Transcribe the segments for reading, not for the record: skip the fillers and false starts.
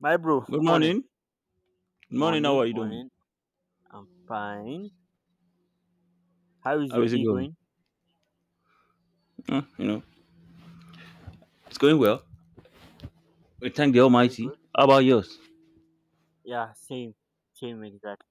My bro, Good good morning. morning. Good morning. How are Morning, you doing? morning. I'm fine. How is How your is it day going? going? "Mm, you know, it's going well. We Okay, thank the very Almighty. good. How about yours? Yeah, same, same exactly.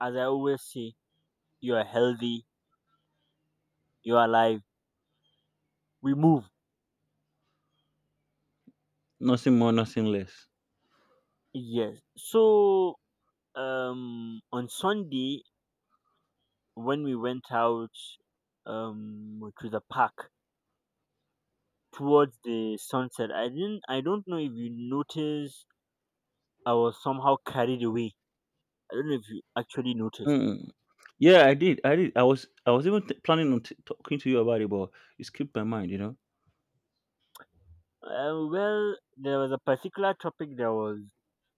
As I always say, you are healthy, you are alive. We move. Nothing more, nothing less. Yes. So, on Sunday when we went out, to the park towards the sunset, I didn't. I don't know if you noticed. I was somehow carried away. I don't know if you actually noticed. Mm. Yeah, I did. I did. I was even planning on talking to you about it, but it skipped my mind. Well, there was a particular topic that was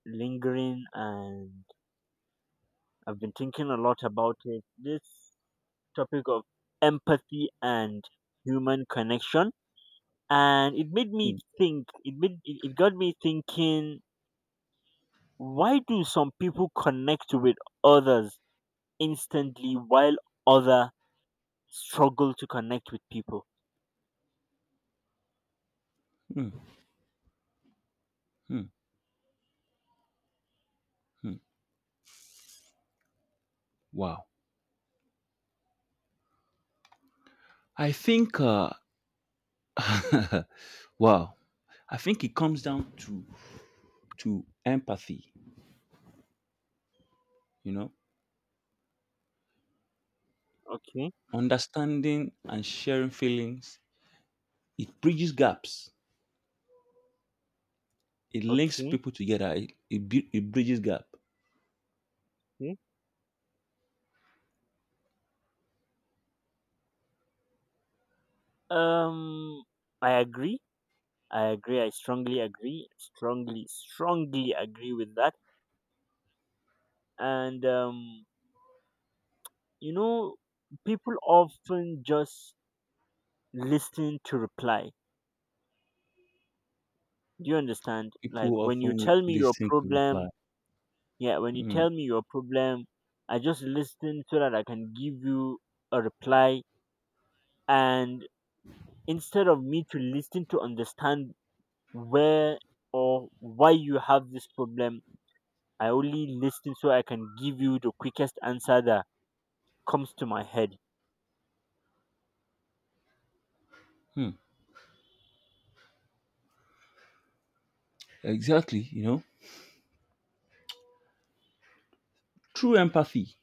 lingering, and I've been thinking a lot about it. This topic of empathy and human connection, and it made me Mm, think. It made it got me thinking. Why do some people connect with others instantly while other struggle to connect with people? mm, mm, mm. Wow. I think. Wow. I think it comes down to empathy. You know, Okay, understanding and sharing feelings. It bridges gaps. It links okay, people together. It bridges gap. okay. Um, I agree. I agree. I strongly agree. Strongly, strongly agree with that. And you know, people often just listen to reply. Do you understand? People Like when you often tell me your listen to reply. problem, yeah, when you Hmm, tell me your problem, I just listen so that I can give you a reply. And instead of me to listen to understand where or why you have this problem, I only listen so I can give you the quickest answer that comes to my head. hmm. Exactly. True empathy.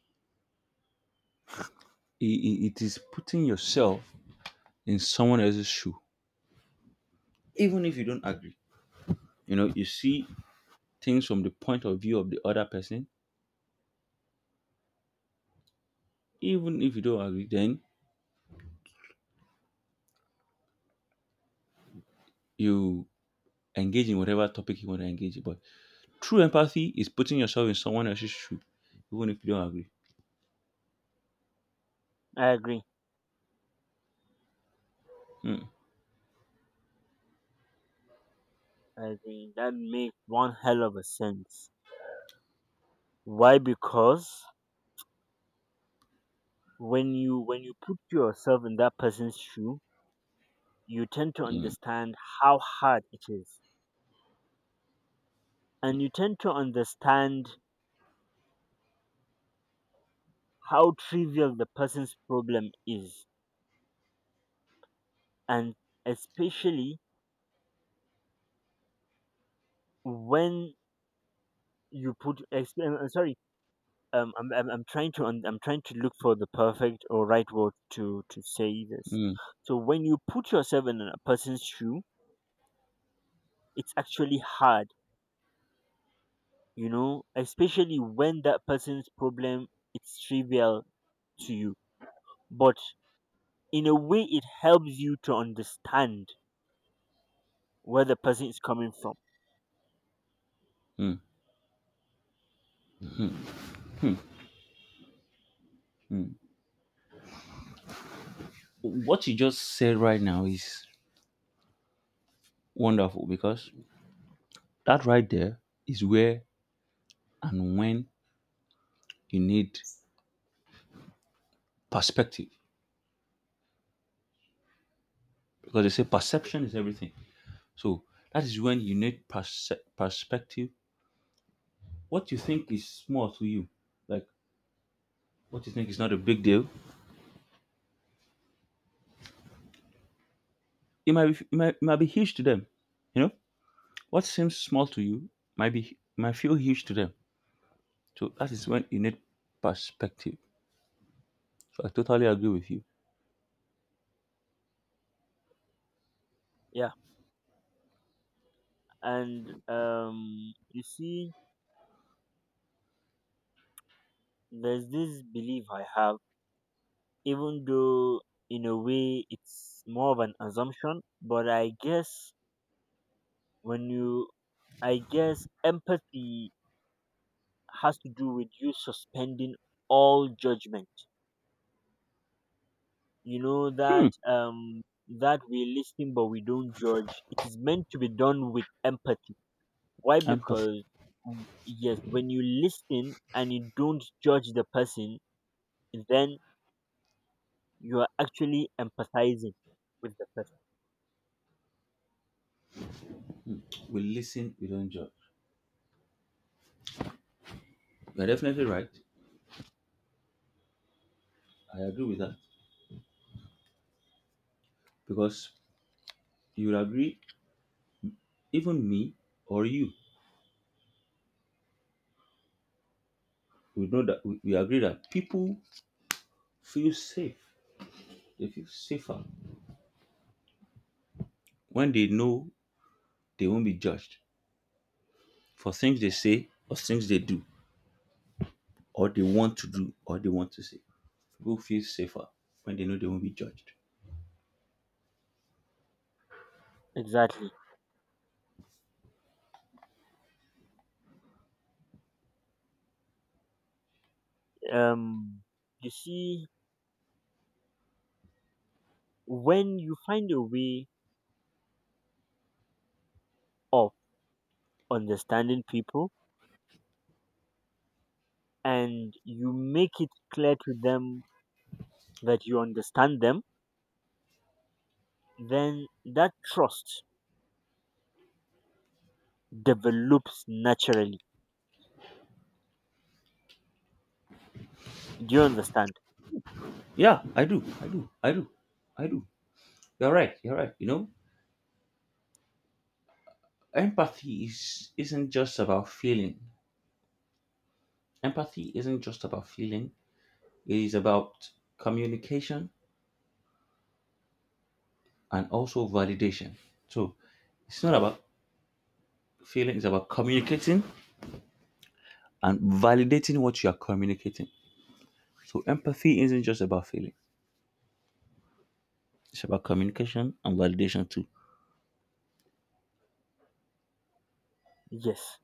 It is putting yourself in someone else's shoe, even if you don't agree. You see things from the point of view of the other person. Even if you don't agree, then you engage in whatever topic you want to engage in. But true empathy is putting yourself in someone else's shoe, even if you don't agree. I agree. Hmm, I agree. That makes one hell of a sense. Why? Because when you put yourself in that person's shoe, you tend to hmm, understand how hard it is, and you tend to understand how trivial the person's problem is, and especially when you I'm trying to I'm trying to look for the perfect or right word to say this. hmm, So when you put yourself in a person's shoe, it's actually hard, you know, especially when that person's problem it's trivial to you. But in a way, it helps you to understand where the person is coming from. hmm, hmm. What you just said right now is wonderful because that right there is where and when you need perspective. Because they say perception is everything. So that is when you need perspective. What you think is small to you, like what you think is not a big deal, it might be huge to them. You know, what seems small to you might feel huge to them. So that is when you need perspective. So I totally agree with you. Yeah, and you see, there's this belief I have, even though in a way it's more of an assumption, but when you I guess empathy has to do with you suspending all judgment. You know Hmm. that that we're listening but we don't judge. It is meant to be done with empathy. Why? Empathy. Because yes, when you listen and you don't judge the person, then you are actually empathizing with the person. We listen, we don't judge. You're definitely right. I agree with that because you will agree, even me or you, we know that we agree that people feel safe. They feel safer when they know they won't be judged for things they say or things they do or they want to do or they want to say. People feel safer when they know they won't be judged. Exactly. um you see, when you find a way of understanding people and you make it clear to them that you understand them, then that trust develops naturally. Do you understand? Yeah, I do. I do. I do. I do. You're right. You're right. You know, empathy is isn't just about feeling. Empathy isn't just about feeling. It is about communication and also validation. So it's not about feeling, it's about communicating and validating what you are communicating. So empathy isn't just about feeling, it's about communication and validation too. Yes.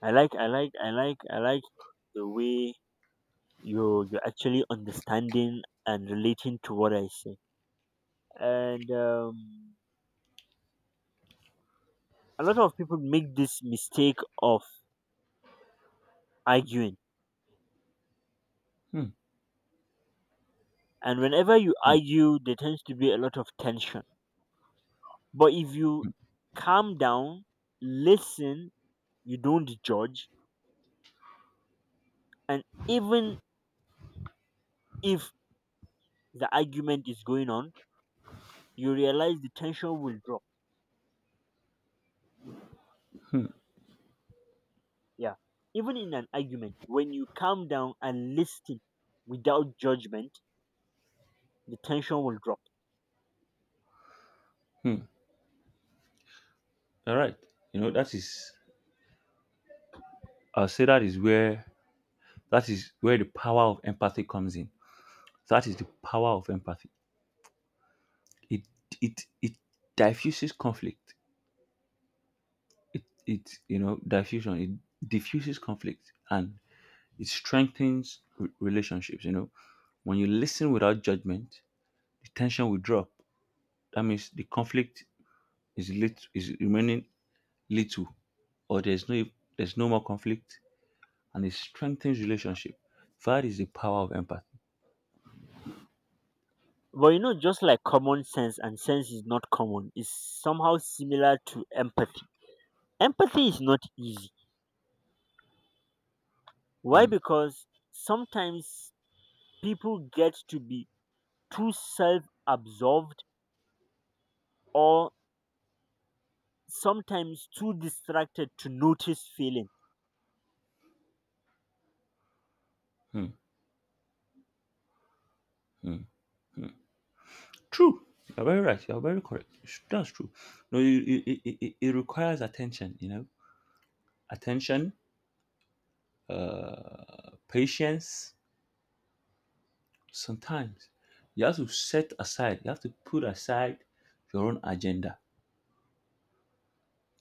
I like the way you're actually understanding and relating to what I say. And a lot of people make this mistake of arguing. Hmm, And whenever you argue, there tends to be a lot of tension. But if you calm down, listen, you don't judge, and even if the argument is going on, you realize the tension will drop. Yeah, even in an argument, when you calm down and listen without judgment, the tension will drop. hmm. All right. You know, that is I'll say that is where the power of empathy comes in. That is the power of empathy. It it diffuses conflict. It, you know, diffusion. It diffuses conflict, and it strengthens relationships. When you listen without judgment, the tension will drop. That means the conflict is remaining little, or there's no more conflict, and it strengthens relationship. That is the power of empathy. But you know, just like common sense and sense is not common, is somehow similar to empathy. Empathy is not easy. Why? Mm, Because sometimes people get to be too self-absorbed, or sometimes too distracted to notice feeling. mm, mm. True. You're very right. You're very correct. That's true. No, you, it requires attention. Attention, patience, sometimes you have to put aside your own agenda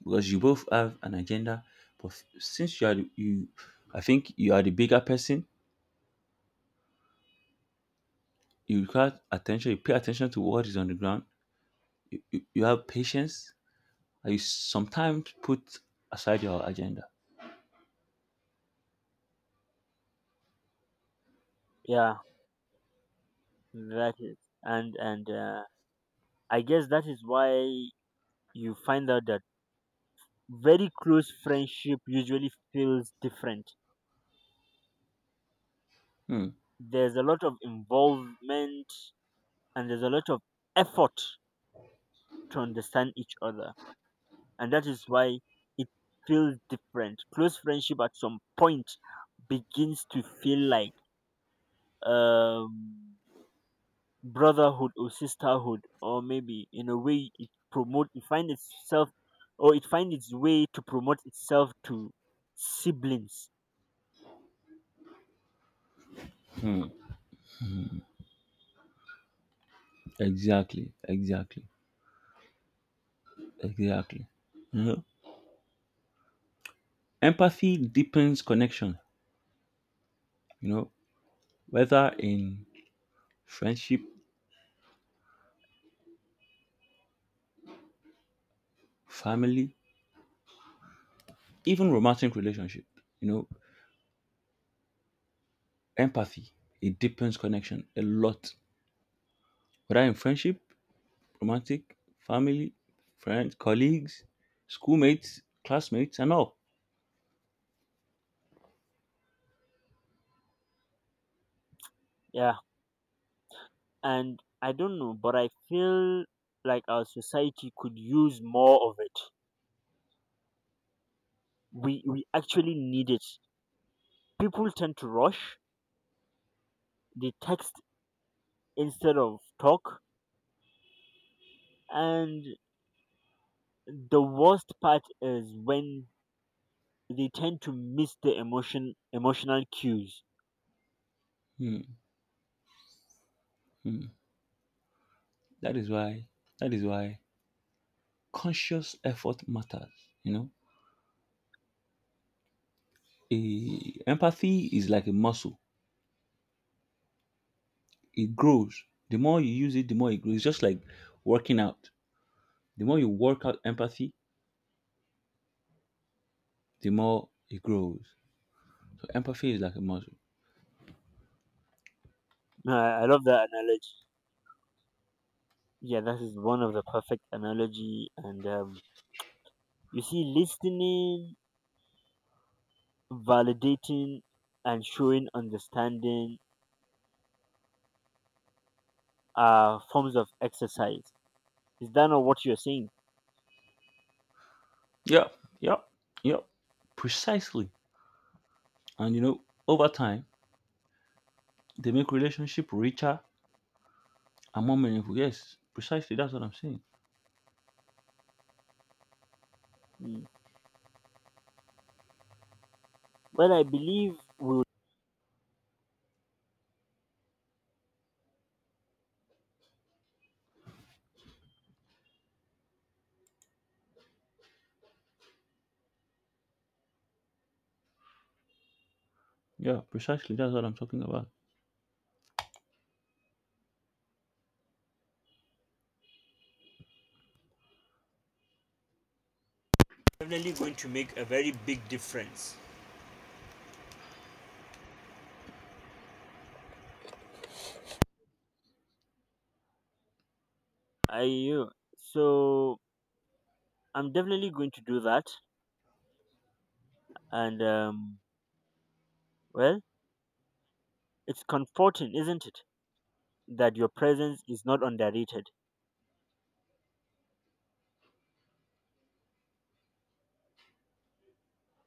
because you both have an agenda. But since you are, the- you, I think you are the bigger person. You require attention. You pay attention to what is on the ground. You have patience. And you sometimes put aside your agenda. Yeah, that is, and I guess that is why you find out that very close friendship usually feels different. Hmm. There's a lot of involvement and there's a lot of effort to understand each other, and that is why it feels different. Close friendship at some point begins to feel like um brotherhood or sisterhood, or maybe in a way it find itself, or it find its way to promote itself to siblings. Exactly. Exactly. Exactly. You know, empathy deepens connection. You know, whether in friendship, family, even romantic relationship, you know, empathy, it deepens connection a lot. Whether in friendship, romantic, family, friends, colleagues, schoolmates, classmates, and all. Yeah, and I don't know, but I feel like our society could use more of it. We actually need it. People tend to rush, they text instead of talk, and the worst part is when they tend to miss the emotional cues. Hmm, hmm. That is why. That is why conscious effort matters. You know, empathy is like a muscle. It grows. The more you use it, the more it grows. It's just like working out. The more you work out empathy, the more it grows. So empathy is like a muscle. I love that analogy. Yeah, that is one of the perfect analogy. And you see, listening, validating, and showing understanding are forms of exercise. Is that not what you're saying? Yeah, yeah, yeah, precisely. And over time, they make relationship richer and more meaningful. Yes, precisely. That's what I'm saying. Mm. Well, I believe we'll. Yeah, precisely. That's what I'm talking about. Definitely going to make a very big difference. I you. So I'm definitely going to do that. And well, it's comforting, isn't it, that your presence is not underrated.